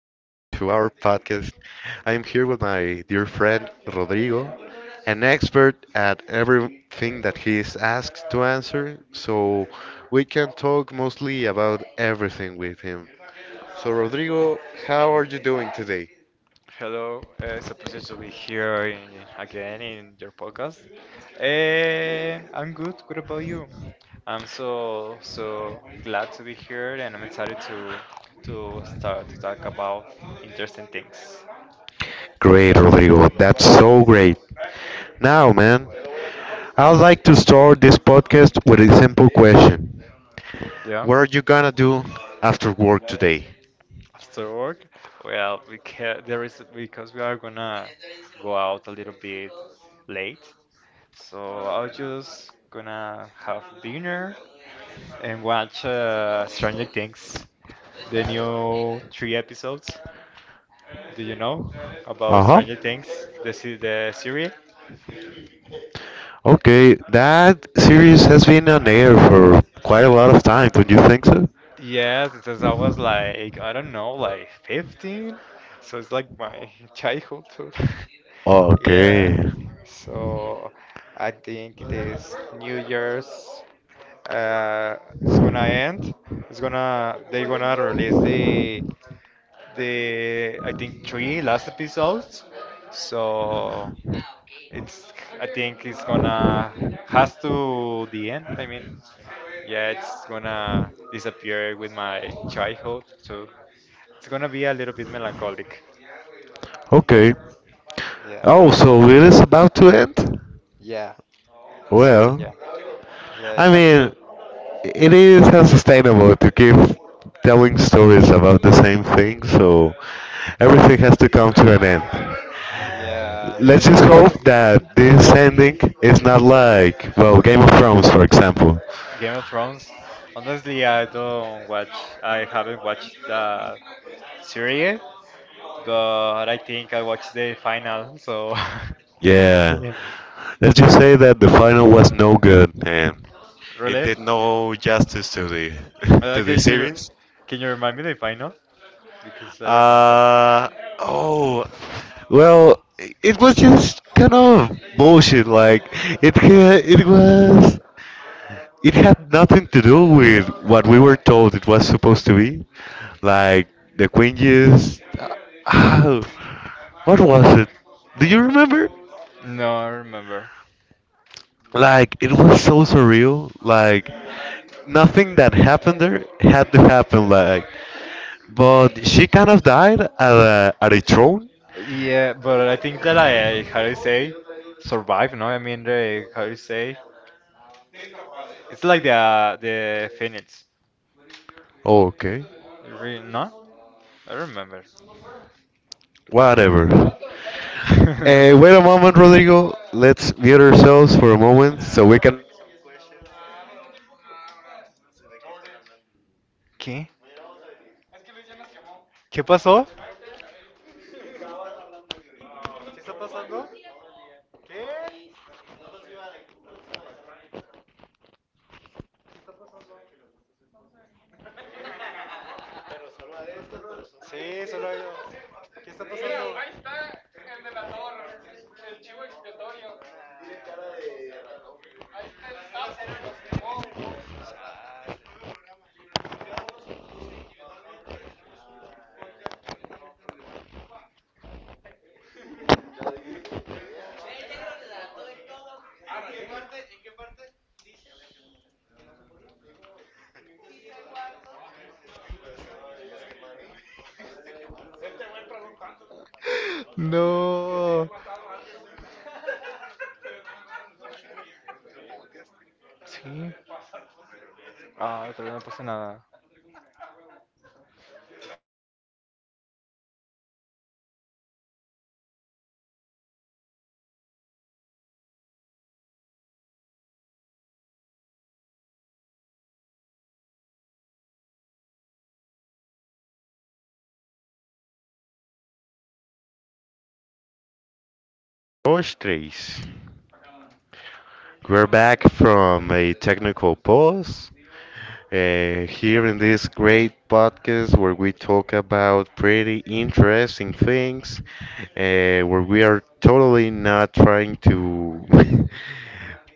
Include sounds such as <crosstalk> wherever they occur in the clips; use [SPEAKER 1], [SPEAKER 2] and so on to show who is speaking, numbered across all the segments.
[SPEAKER 1] to our podcast. I am here with my dear friend Rodrigo, an expert at everything that he is asked to answer, so we can talk mostly about everything with him. So, Rodrigo, how are you doing today?
[SPEAKER 2] Hello, it's a pleasure to be here again in your podcast. And I'm good. What about you? I'm so glad to be here, and I'm excited to start to talk about interesting things.
[SPEAKER 1] Great, Rodrigo. That's so great. Now, man, I'd like to start this podcast with a simple question.
[SPEAKER 2] Yeah,
[SPEAKER 1] What are you gonna do after work today?
[SPEAKER 2] after work, well, we can there is because we are gonna go out a little bit late, so I will just gonna have dinner and watch Stranger Things. The new three episodes. Do you know about
[SPEAKER 1] Uh-huh.
[SPEAKER 2] Stranger Things, the series?
[SPEAKER 1] Okay, that series has been on air for quite a lot of time, don't you think so?
[SPEAKER 2] Yes, since I was like I don't know, like 15. So it's like my <laughs> childhood too. <laughs>
[SPEAKER 1] Okay.
[SPEAKER 2] Yeah. So I think this New Year's uh it's gonna end. It's gonna They're gonna release the, I think, three last episodes. So It's I think it's gonna has to the end. I mean, yeah, it's gonna disappear with my childhood, so it's gonna be a little bit melancholic.
[SPEAKER 1] Okay.
[SPEAKER 2] Yeah,
[SPEAKER 1] Oh, so it is about to end?
[SPEAKER 2] yeah, the series,
[SPEAKER 1] Well,
[SPEAKER 2] yeah, yeah, it
[SPEAKER 1] I
[SPEAKER 2] has
[SPEAKER 1] mean,
[SPEAKER 2] to,
[SPEAKER 1] it is unsustainable to keep telling stories about the same thing, so everything has to come to an end.
[SPEAKER 2] yeah.
[SPEAKER 1] Let's just hope that this ending is not like, well, Game of Thrones, for example.
[SPEAKER 2] Game of Thrones. Honestly, I don't watch. I haven't watched the series, but I think I watched the final. So,
[SPEAKER 1] Yeah.
[SPEAKER 2] <laughs>
[SPEAKER 1] Let's just say that the final was no good and it
[SPEAKER 2] really.
[SPEAKER 1] did no justice to the <laughs>
[SPEAKER 2] Okay.
[SPEAKER 1] to the series.
[SPEAKER 2] Can you remind me the final? Because I don't remember that one.
[SPEAKER 1] Uh oh. Well, it was just kind of bullshit. Like it was it had nothing to do with what we were told it was supposed to be. Like the Queen just, oh, what was it? Do you remember?
[SPEAKER 2] No, I remember.
[SPEAKER 1] Like it was so surreal. Like nothing that happened there had to happen. Like, but she kind of died at at a throne.
[SPEAKER 2] Yeah, but I think that I, how do you say, survive. No, I mean the, how do you say? It's like the Phoenix.
[SPEAKER 1] Oh, okay,
[SPEAKER 2] Re No, I remember.
[SPEAKER 1] whatever. Wait a moment,
[SPEAKER 2] <laughs>
[SPEAKER 1] Rodrigo. Let's mute ourselves for a moment so we can.
[SPEAKER 2] ¿Qué? ¿Qué pasó? ¿Qué está pasando? ¿Qué? Sí, solo hay. ¿Qué está pasando? No. Sí. Ah, todavía no pasa nada.
[SPEAKER 1] Dos, tres. We're back from a technical pause here in this great podcast where we talk about pretty interesting things, uh, where we are totally not trying to <laughs>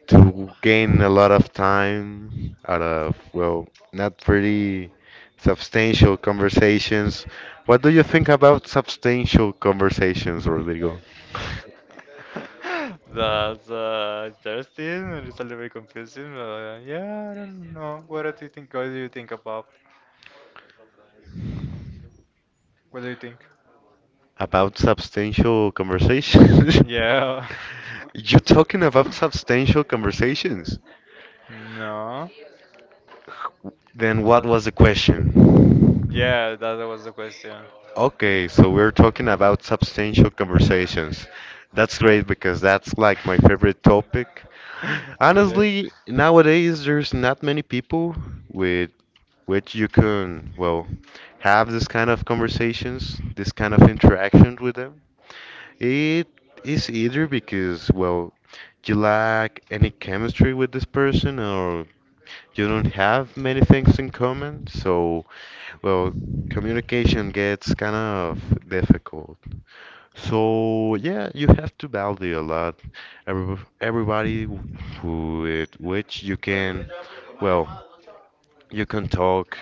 [SPEAKER 1] to gain a lot of time out of well, not pretty substantial conversations. What do you think about substantial conversations, Rodrigo?
[SPEAKER 2] <laughs> That's interesting. It's a little bit confusing. But yeah, I don't know. What do you think? What do you think about? What do you think?
[SPEAKER 1] About substantial conversations? <laughs>
[SPEAKER 2] Yeah.
[SPEAKER 1] You're talking about substantial conversations.
[SPEAKER 2] <laughs> No.
[SPEAKER 1] Then what
[SPEAKER 2] No.
[SPEAKER 1] was the question?
[SPEAKER 2] Yeah, that was the question.
[SPEAKER 1] Okay, so we're talking about substantial conversations. That's great because that's like my favorite topic.
[SPEAKER 2] <laughs> Really?
[SPEAKER 1] Honestly, nowadays there's not many people with which you can, well, have this kind of conversations, this kind of interaction with them. It is either because, well, you lack any chemistry with this person or you don't have many things in common, so well, communication gets kind of difficult. So yeah, you have to value a lot. Everybody which you can, well, you can talk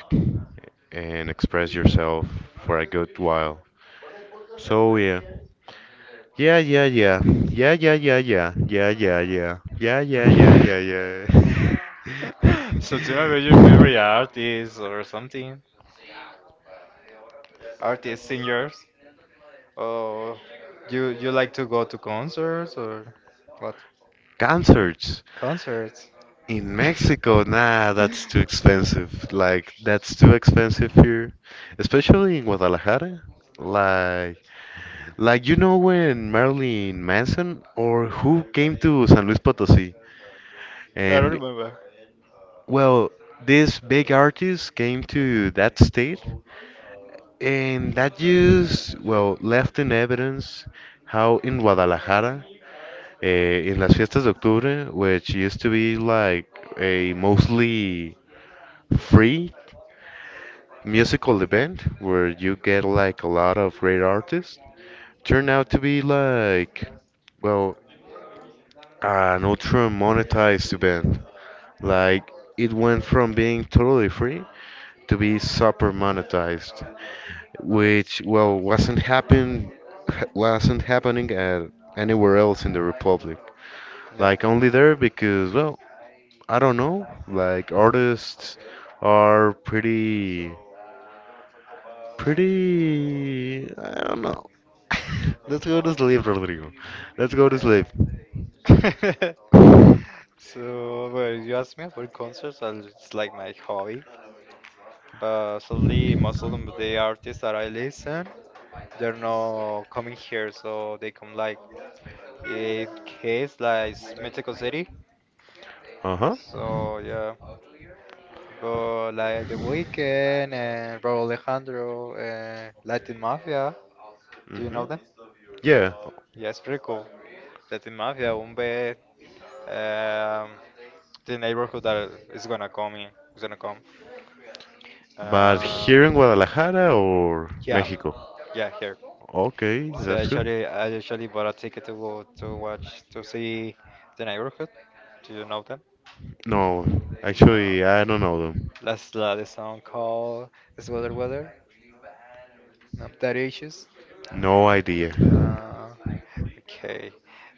[SPEAKER 1] and express yourself for a good while. So yeah. Yeah, yeah, yeah. Yeah, yeah, yeah, yeah. Yeah, yeah, yeah. Yeah, yeah, yeah, yeah,
[SPEAKER 2] <laughs> So tell me about your
[SPEAKER 1] yeah.
[SPEAKER 2] favorite
[SPEAKER 1] <laughs>
[SPEAKER 2] artist or something. Artists, singers. Oh, you like to go to concerts or what?
[SPEAKER 1] Concerts
[SPEAKER 2] Concerts.
[SPEAKER 1] in Mexico, nah, that's too expensive. Like, that's too expensive here,
[SPEAKER 2] <laughs>
[SPEAKER 1] especially in Guadalajara. Like, like you know when Marilyn Manson or who came to San Luis Potosí,
[SPEAKER 2] I don't
[SPEAKER 1] and
[SPEAKER 2] remember.
[SPEAKER 1] well, this big artist came to that state, and that just well left in evidence how in Guadalajara, in las fiestas de octubre, which used to be like a mostly free musical event where you get like a lot of great artists turned out to be like well an ultra monetized event like it went from being totally free to be super monetized which well wasn't happening at anywhere else in the republic
[SPEAKER 2] Yeah.
[SPEAKER 1] like only there because well I don't know like artists are pretty Pretty. I don't know. <laughs> Let's go to sleep, Rodrigo. Let's go to
[SPEAKER 2] Mm,
[SPEAKER 1] sleep.
[SPEAKER 2] yeah. <laughs> So, well, you asked me about concerts, and it's like my hobby. But sadly, most of them, the artists that I listen, they're not coming here, so they come like it case like Mexico City.
[SPEAKER 1] Uh huh.
[SPEAKER 2] So yeah, but like The Weeknd and Raúl Alejandro and Latin Mafia. Do you
[SPEAKER 1] Mm-hmm.
[SPEAKER 2] know them?
[SPEAKER 1] Yeah.
[SPEAKER 2] Yeah, it's pretty cool. Latin Mafia, un Um, the neighborhood that is gonna come in, is gonna come.
[SPEAKER 1] But
[SPEAKER 2] Um,
[SPEAKER 1] here in Guadalajara or
[SPEAKER 2] yeah,
[SPEAKER 1] Mexico?
[SPEAKER 2] yeah, here.
[SPEAKER 1] Okay,
[SPEAKER 2] So
[SPEAKER 1] that's good.
[SPEAKER 2] actually, I actually bought a ticket to go to see the neighborhood. Do you know them?
[SPEAKER 1] No,
[SPEAKER 2] No.
[SPEAKER 1] actually, I don't know them.
[SPEAKER 2] That's the song called "It's Weather Weather." No, that issues.
[SPEAKER 1] No idea.
[SPEAKER 2] Uh, okay,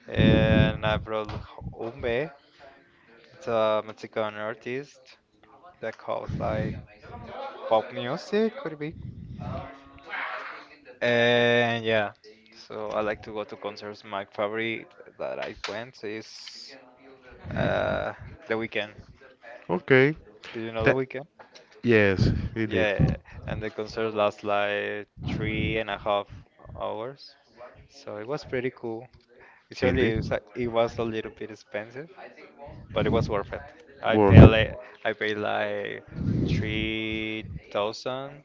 [SPEAKER 2] and I brought Umbe. It's a Mexican artist that calls like pop music, could it be? And yeah, so I like to go to concerts. My favorite that I went is uh, The Weekend.
[SPEAKER 1] Okay.
[SPEAKER 2] Do you know The
[SPEAKER 1] That
[SPEAKER 2] Weeknd?
[SPEAKER 1] yes, it did.
[SPEAKER 2] Yeah, and the concert lasts like 3.5 hours, so it was pretty cool. Actually,
[SPEAKER 1] Indeed.
[SPEAKER 2] it was a little bit expensive, but it was worth it. I
[SPEAKER 1] Worth
[SPEAKER 2] paid
[SPEAKER 1] it.
[SPEAKER 2] like, I paid like 3,000,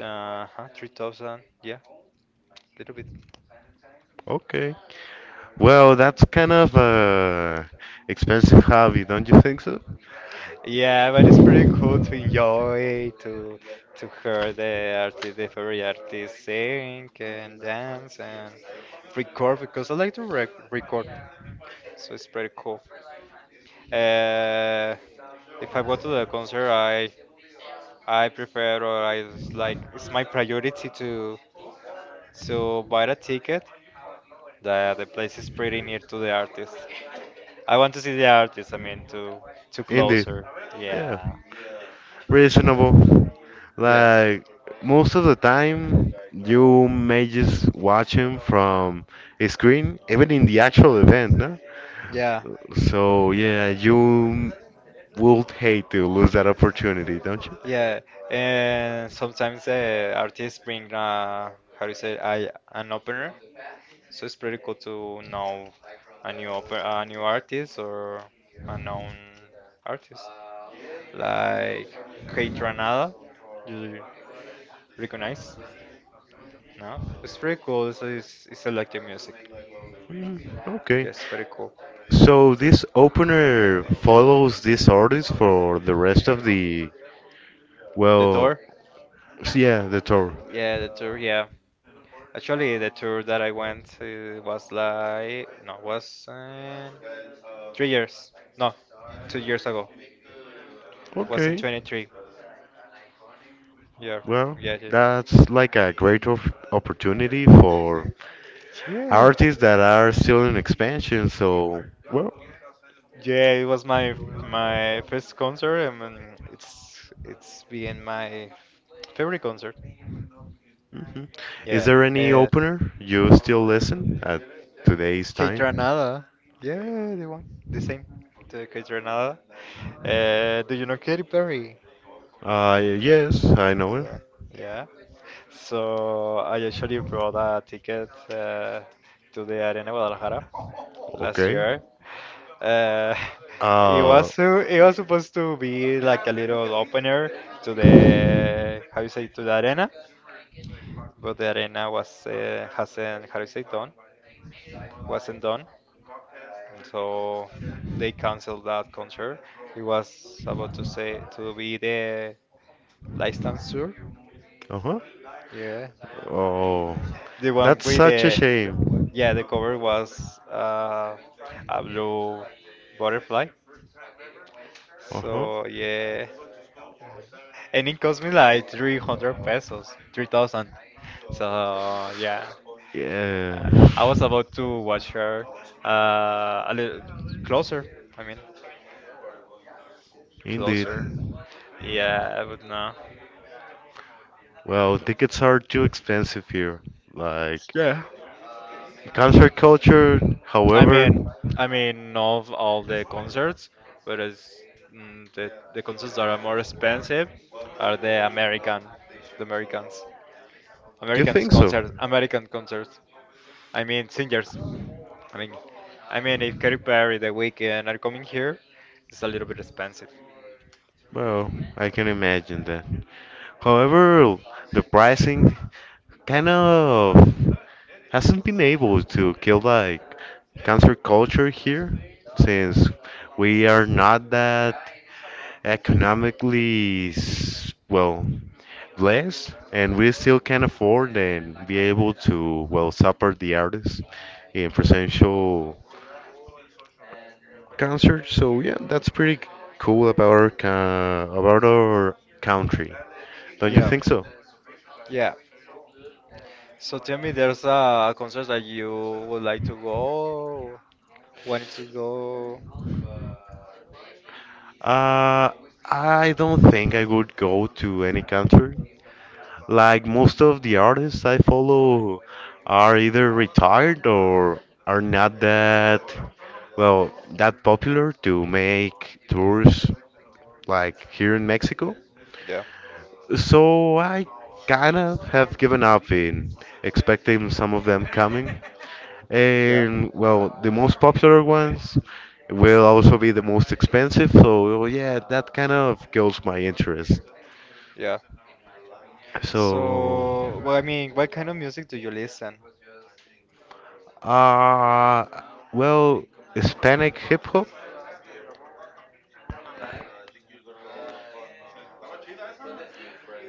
[SPEAKER 2] huh, 3,000, yeah, little bit.
[SPEAKER 1] Okay. Well, that's kind of a expensive hobby, don't you think so?
[SPEAKER 2] Yeah, but it's pretty cool to enjoy, to hear the artist, the favorite artist sing and dance and record because I like to record. So it's pretty cool. Uh, if I go to the concert, I prefer or like it's my priority to buy the ticket. The place is pretty near to the artist. I want to see the artist. I mean, to
[SPEAKER 1] Indeed.
[SPEAKER 2] closer.
[SPEAKER 1] Yeah.
[SPEAKER 2] Yeah,
[SPEAKER 1] Reasonable.
[SPEAKER 2] yeah,
[SPEAKER 1] Like most of the time, you may just watch him from a screen, even in the actual event, no?
[SPEAKER 2] yeah,
[SPEAKER 1] So yeah, you would hate to lose that opportunity, don't you?
[SPEAKER 2] yeah. And sometimes the artists bring how do you say I an opener. So it's pretty cool to know a new artist or a known artist like Kate Ranada. You recognize? No, it's pretty cool. It's electric music.
[SPEAKER 1] Mm, okay.
[SPEAKER 2] Yes, pretty cool.
[SPEAKER 1] So this opener follows this artist for the rest of the,
[SPEAKER 2] The
[SPEAKER 1] well,
[SPEAKER 2] tour?
[SPEAKER 1] yeah, the tour.
[SPEAKER 2] Yeah, the tour. Yeah, actually, the tour that I went was like no, was 3 years. No, 2 years ago. Was in
[SPEAKER 1] Okay.
[SPEAKER 2] 23. Yeah,
[SPEAKER 1] Well,
[SPEAKER 2] yeah, yeah.
[SPEAKER 1] that's like a great op opportunity for
[SPEAKER 2] Yeah.
[SPEAKER 1] artists that are still in expansion. So, well,
[SPEAKER 2] Yeah, it was my first concert, and it's been my favorite concert.
[SPEAKER 1] mhm. Is
[SPEAKER 2] Yeah,
[SPEAKER 1] there any
[SPEAKER 2] uh,
[SPEAKER 1] opener you still listen at today's time?
[SPEAKER 2] Keitranada. Yeah, the one, the same, the Keitranada. Do you know Katy Perry?
[SPEAKER 1] Yes, I know it.
[SPEAKER 2] Yeah, yeah. So I actually brought a ticket to the Arena Guadalajara last
[SPEAKER 1] Okay.
[SPEAKER 2] year. Uh, <laughs>
[SPEAKER 1] Uh,
[SPEAKER 2] it was supposed to be like a little opener to the, how you say, to the arena, but the arena was hasn't how you say done wasn't done, so they canceled that concert. It was about to say to be the license tour,
[SPEAKER 1] uh-huh.
[SPEAKER 2] yeah,
[SPEAKER 1] Oh,
[SPEAKER 2] the one
[SPEAKER 1] that's
[SPEAKER 2] with
[SPEAKER 1] such a
[SPEAKER 2] the-
[SPEAKER 1] shame.
[SPEAKER 2] yeah, the cover was a blue butterfly.
[SPEAKER 1] Uh-huh.
[SPEAKER 2] So yeah. And it cost me like 300 pesos, 3,000. So yeah,
[SPEAKER 1] Yeah.
[SPEAKER 2] uh, I was about to watch her a little closer. I mean,
[SPEAKER 1] Indeed.
[SPEAKER 2] closer. Yeah, but no.
[SPEAKER 1] Well, tickets are too expensive here. Like,
[SPEAKER 2] Yeah.
[SPEAKER 1] concert culture,
[SPEAKER 2] I
[SPEAKER 1] however,
[SPEAKER 2] mean, I mean, not all the concerts, but the concerts that are more expensive are the American, the Americans,
[SPEAKER 1] you
[SPEAKER 2] Americans
[SPEAKER 1] think so?
[SPEAKER 2] concerts, American concerts. I mean, singers. I mean, I mean, if Katy Perry, The Weeknd are coming here, it's a little bit expensive.
[SPEAKER 1] Well, I can imagine that. However, the pricing kind of hasn't been able to kill like concert culture here since we are not that well, less, and we still can afford and be able to, well, support the artists in presential concerts. So yeah, that's pretty cool about our about our country. Don't you
[SPEAKER 2] Yeah,
[SPEAKER 1] think so?
[SPEAKER 2] yeah. So tell me, there's a concert that you would like to go, wanted to go.
[SPEAKER 1] Uh, I don't think I would go to any concert. Like most of the artists I follow are either retired or are not that well that popular to make tours like here in Mexico.
[SPEAKER 2] Yeah,
[SPEAKER 1] So I kind of have given up in expecting some of them coming.
[SPEAKER 2] yeah.
[SPEAKER 1] And well, the most popular ones will also be the most expensive. So yeah, that kind of kills my interest. So. Uh, well, Hispanic hip hop?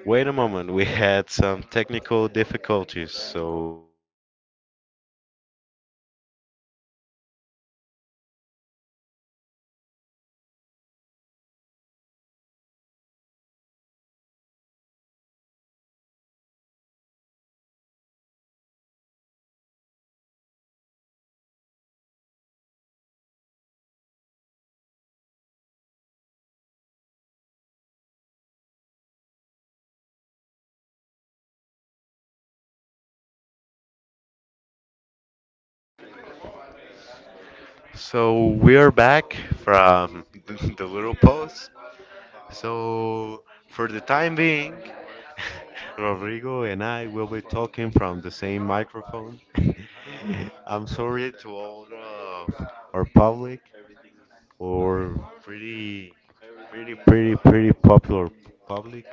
[SPEAKER 1] Wait a moment, we had some technical difficulties, so. So we are back from <laughs> the little pause. So, for the time being, <laughs> Rodrigo and I will be talking from the same microphone. <laughs> I'm sorry to all our public or pretty, pretty, pretty, pretty popular public.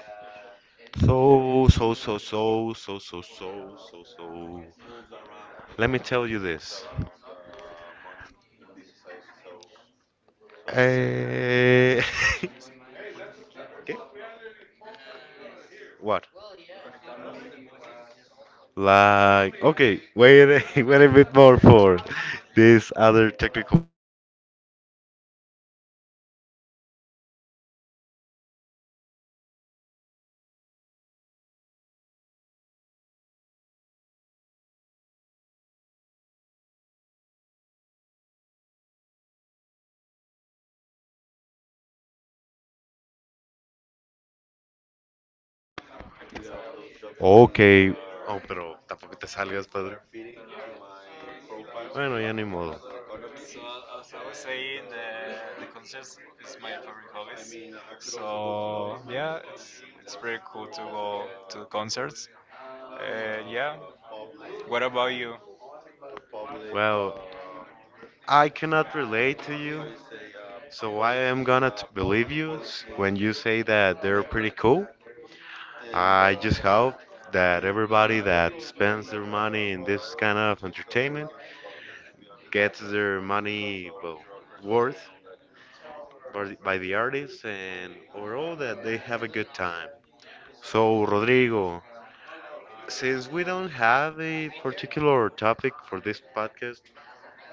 [SPEAKER 1] So, so, so, so, so, so, so, so, so. Let me tell you this. Eh, <laughs> okay, what? Like, okay, wait, <laughs> wait a bit more for this other technical. Okay. Oh, pero tampoco te salgas, Pedro. Bueno, ya ni modo. Well, I cannot relate to you, so I am gonna believe you when you say that they're pretty cool. I just hope that everybody that spends their money in this kind of entertainment gets their money well, worth by by the artists and overall that they have a good time. So, Rodrigo, since we don't have a particular topic for this podcast,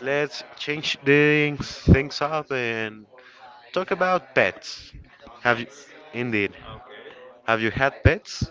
[SPEAKER 1] let's change things up and talk about pets. Have you, indeed, have you had pets?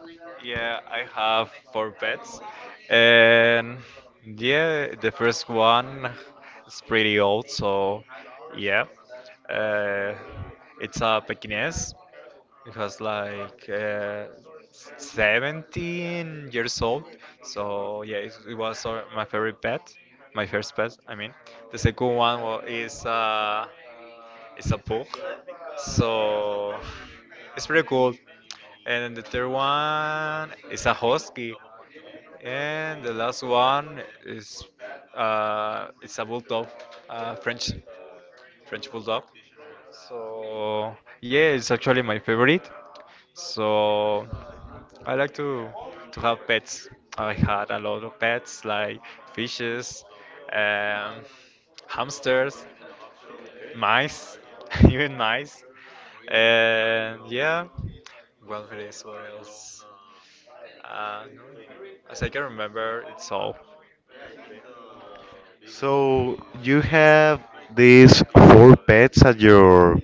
[SPEAKER 1] So you have these four pets at your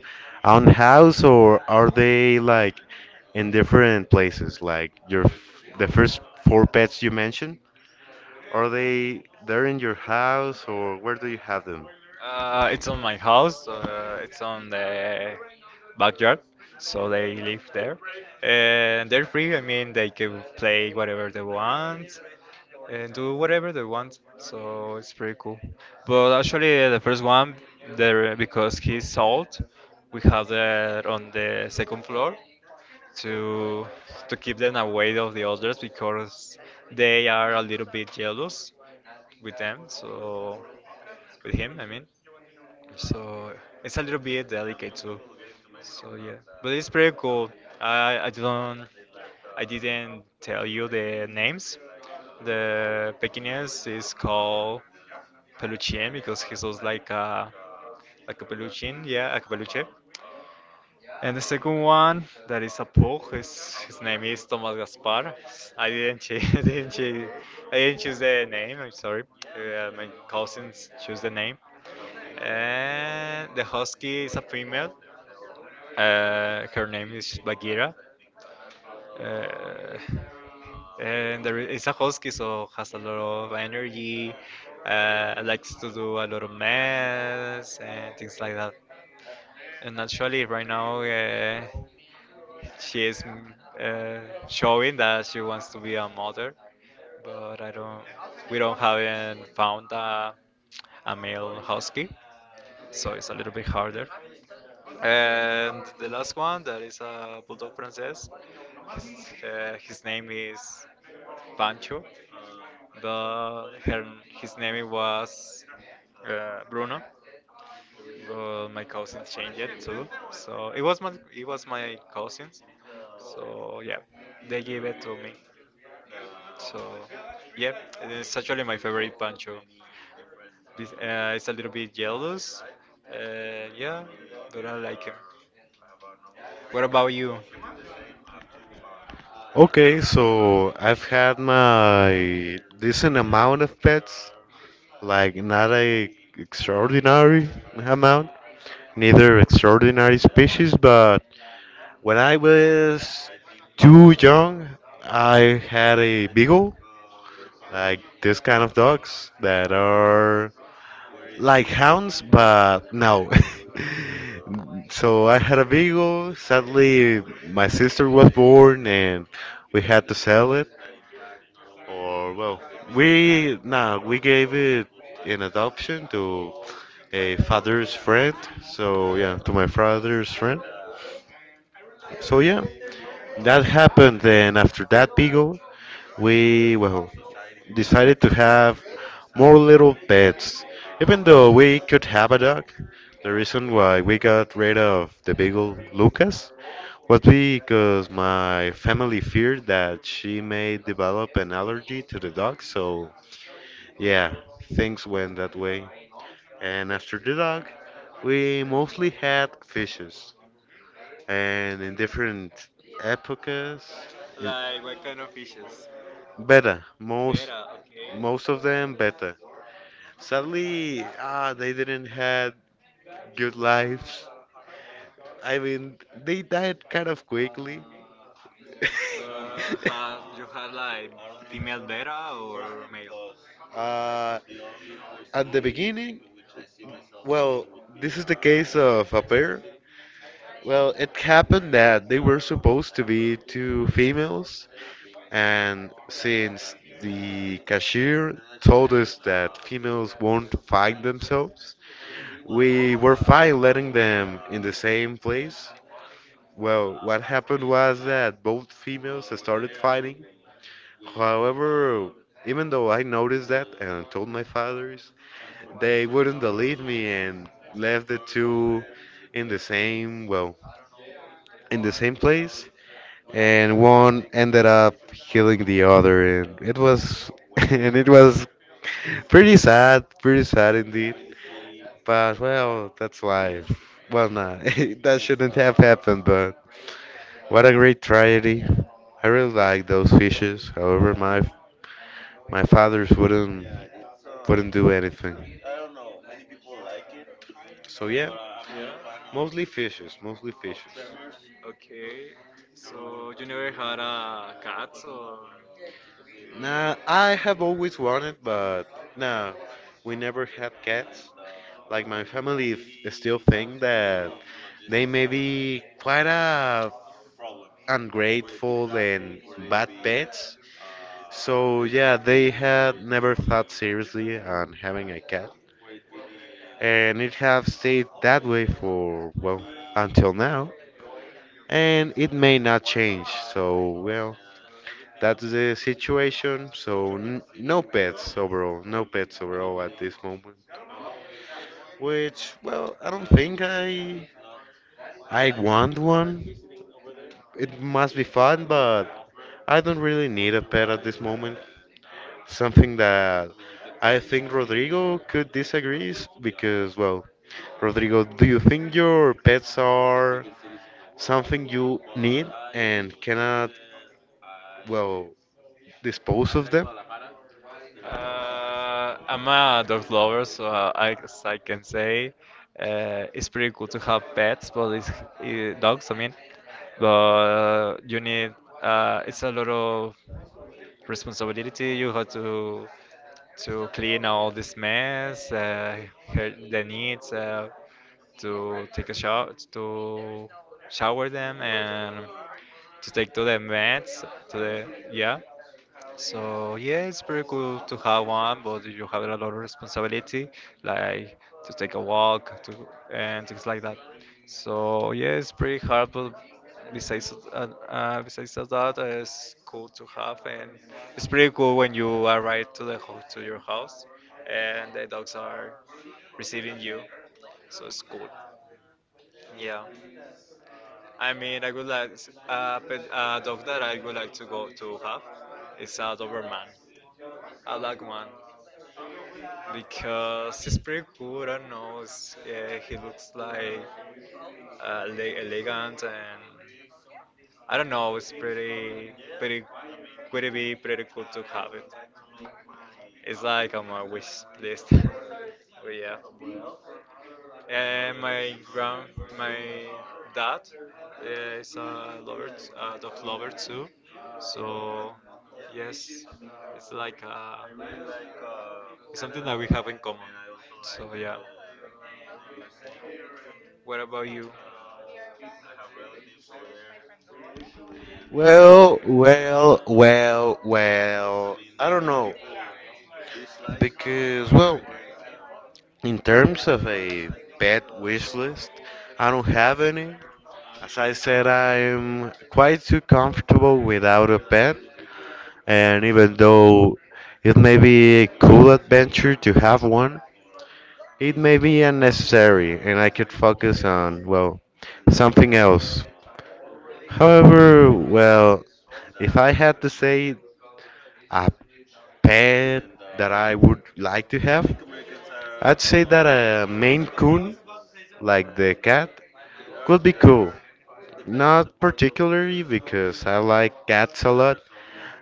[SPEAKER 1] own house, or are they like in different places? Like your the first four pets you mentioned, are they there in your house, or where do you have them? Okay, so I've had my decent amount of pets, like not a extraordinary amount, neither extraordinary species, but when I was too young, I had a beagle, like this kind of dogs that are like hounds, but no. <laughs> So I had a beagle. Sadly, my sister was born, and we had to sell it. Or well, we gave it in adoption to a father's friend. So yeah, to my father's friend. So yeah, that happened. Then after that beagle, we well decided to have more little pets. Even though we could have a dog, the reason why we got rid of the beagle Lucas was because my family feared that she may develop an allergy to the dog. So yeah, things went that way. And after the dog, we mostly had fishes and in different epochas. in- Beta, most of them beta. Sadly, they didn't had good lives. I mean, they died kind of quickly. <laughs> Uh, at the beginning, well, this is the case of a pair. Well, it happened that they were supposed to be two females. And since the cashier told us that females won't fight themselves, we were fine letting them in the same place. Well, what happened was that both females started fighting. However, even though I noticed that and told my fathers, they wouldn't believe me and left the two in well, in the same place. And one ended up killing the other, and it was <laughs> and it was pretty sad indeed. But well, that's life. Well, nah, <laughs> that shouldn't have happened. But what a great tragedy! I really like those fishes. However, my fathers wouldn't do anything. So yeah, mostly fishes, mostly fishes. Nah, I have always wanted, but nah, we never had cats. Like my family still think that they may be quite ungrateful and bad pets. So yeah, they had never thought seriously on having a cat, and it have stayed that way for well until now, and it may not change. So well, that's the situation. So no pets overall, no pets overall at this moment. Which well, I don't think I want one. It must be fun, but I don't really need a pet at this moment. Something that I think Rodrigo could disagree is because, well, Rodrigo, do you think your pets are something you need and cannot, well, dispose of them? Well, well, well, well. I don't know because well, in terms of a pet wish list, I don't have any. As I said, I'm quite too comfortable without a pet, and even though it may be a cool adventure to have one, it may be unnecessary, and I could focus on, well, something else. However, well, if I had to say a pet that I would like to have, I'd say that a Maine Coon, like the cat, could be cool. Not particularly because I like cats a lot,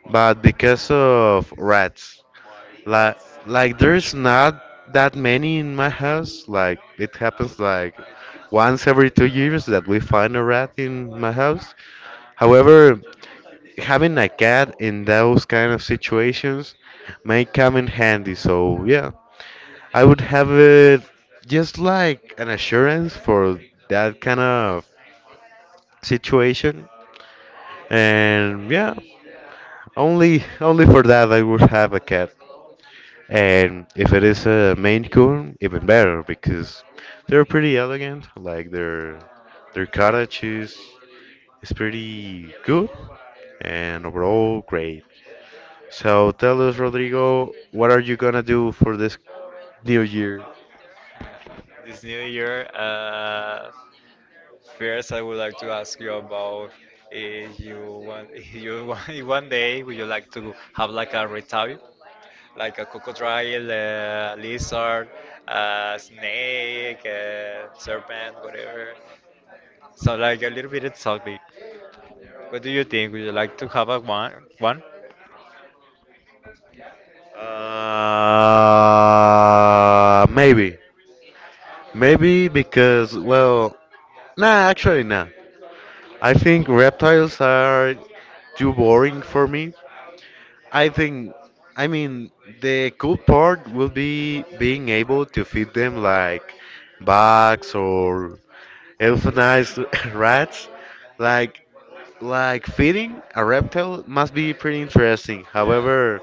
[SPEAKER 1] but because of rats. Like like there's not that many in my house. Like it happens like once every 2 years that we find a rat in my house. However, having a cat in those kind of situations may come in handy. So yeah, I would have it just like an assurance for that kind of situation. And yeah, only for that I would have a cat. And if it is a Maine Coon, even better because they're pretty elegant. Like their cottage is pretty good and overall great. So tell us, Rodrigo, what are you gonna do for this new year? Maybe, maybe because well, nah, actually nah. I think reptiles are too boring for me I think, I mean, the cool part will be being able to feed them like bugs or euthanized <laughs> rats. Like, like feeding a reptile must be pretty interesting. However,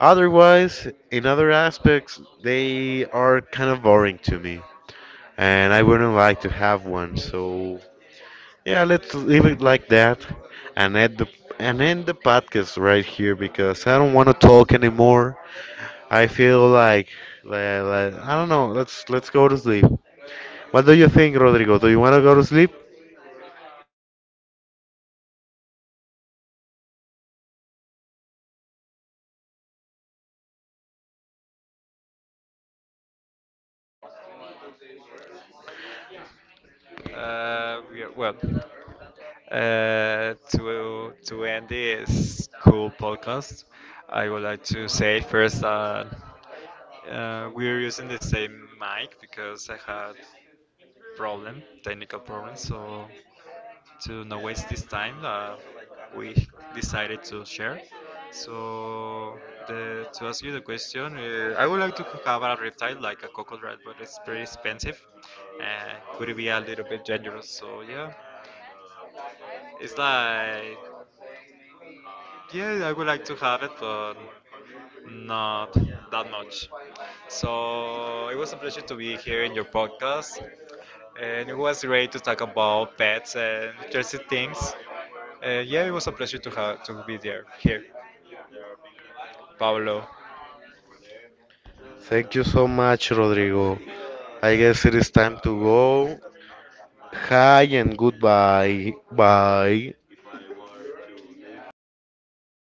[SPEAKER 1] otherwise, in other aspects, they are kind of boring to me, and I wouldn't like to have one. So, yeah, let's leave it like that, and end the and end the podcast right here because I don't want to talk anymore. I feel like, like I don't know. Let's go to sleep. What do you think, Rodrigo? Do you want to go to sleep? Thank you so much, Rodrigo. I guess it is time to go. Hi and goodbye. Bye.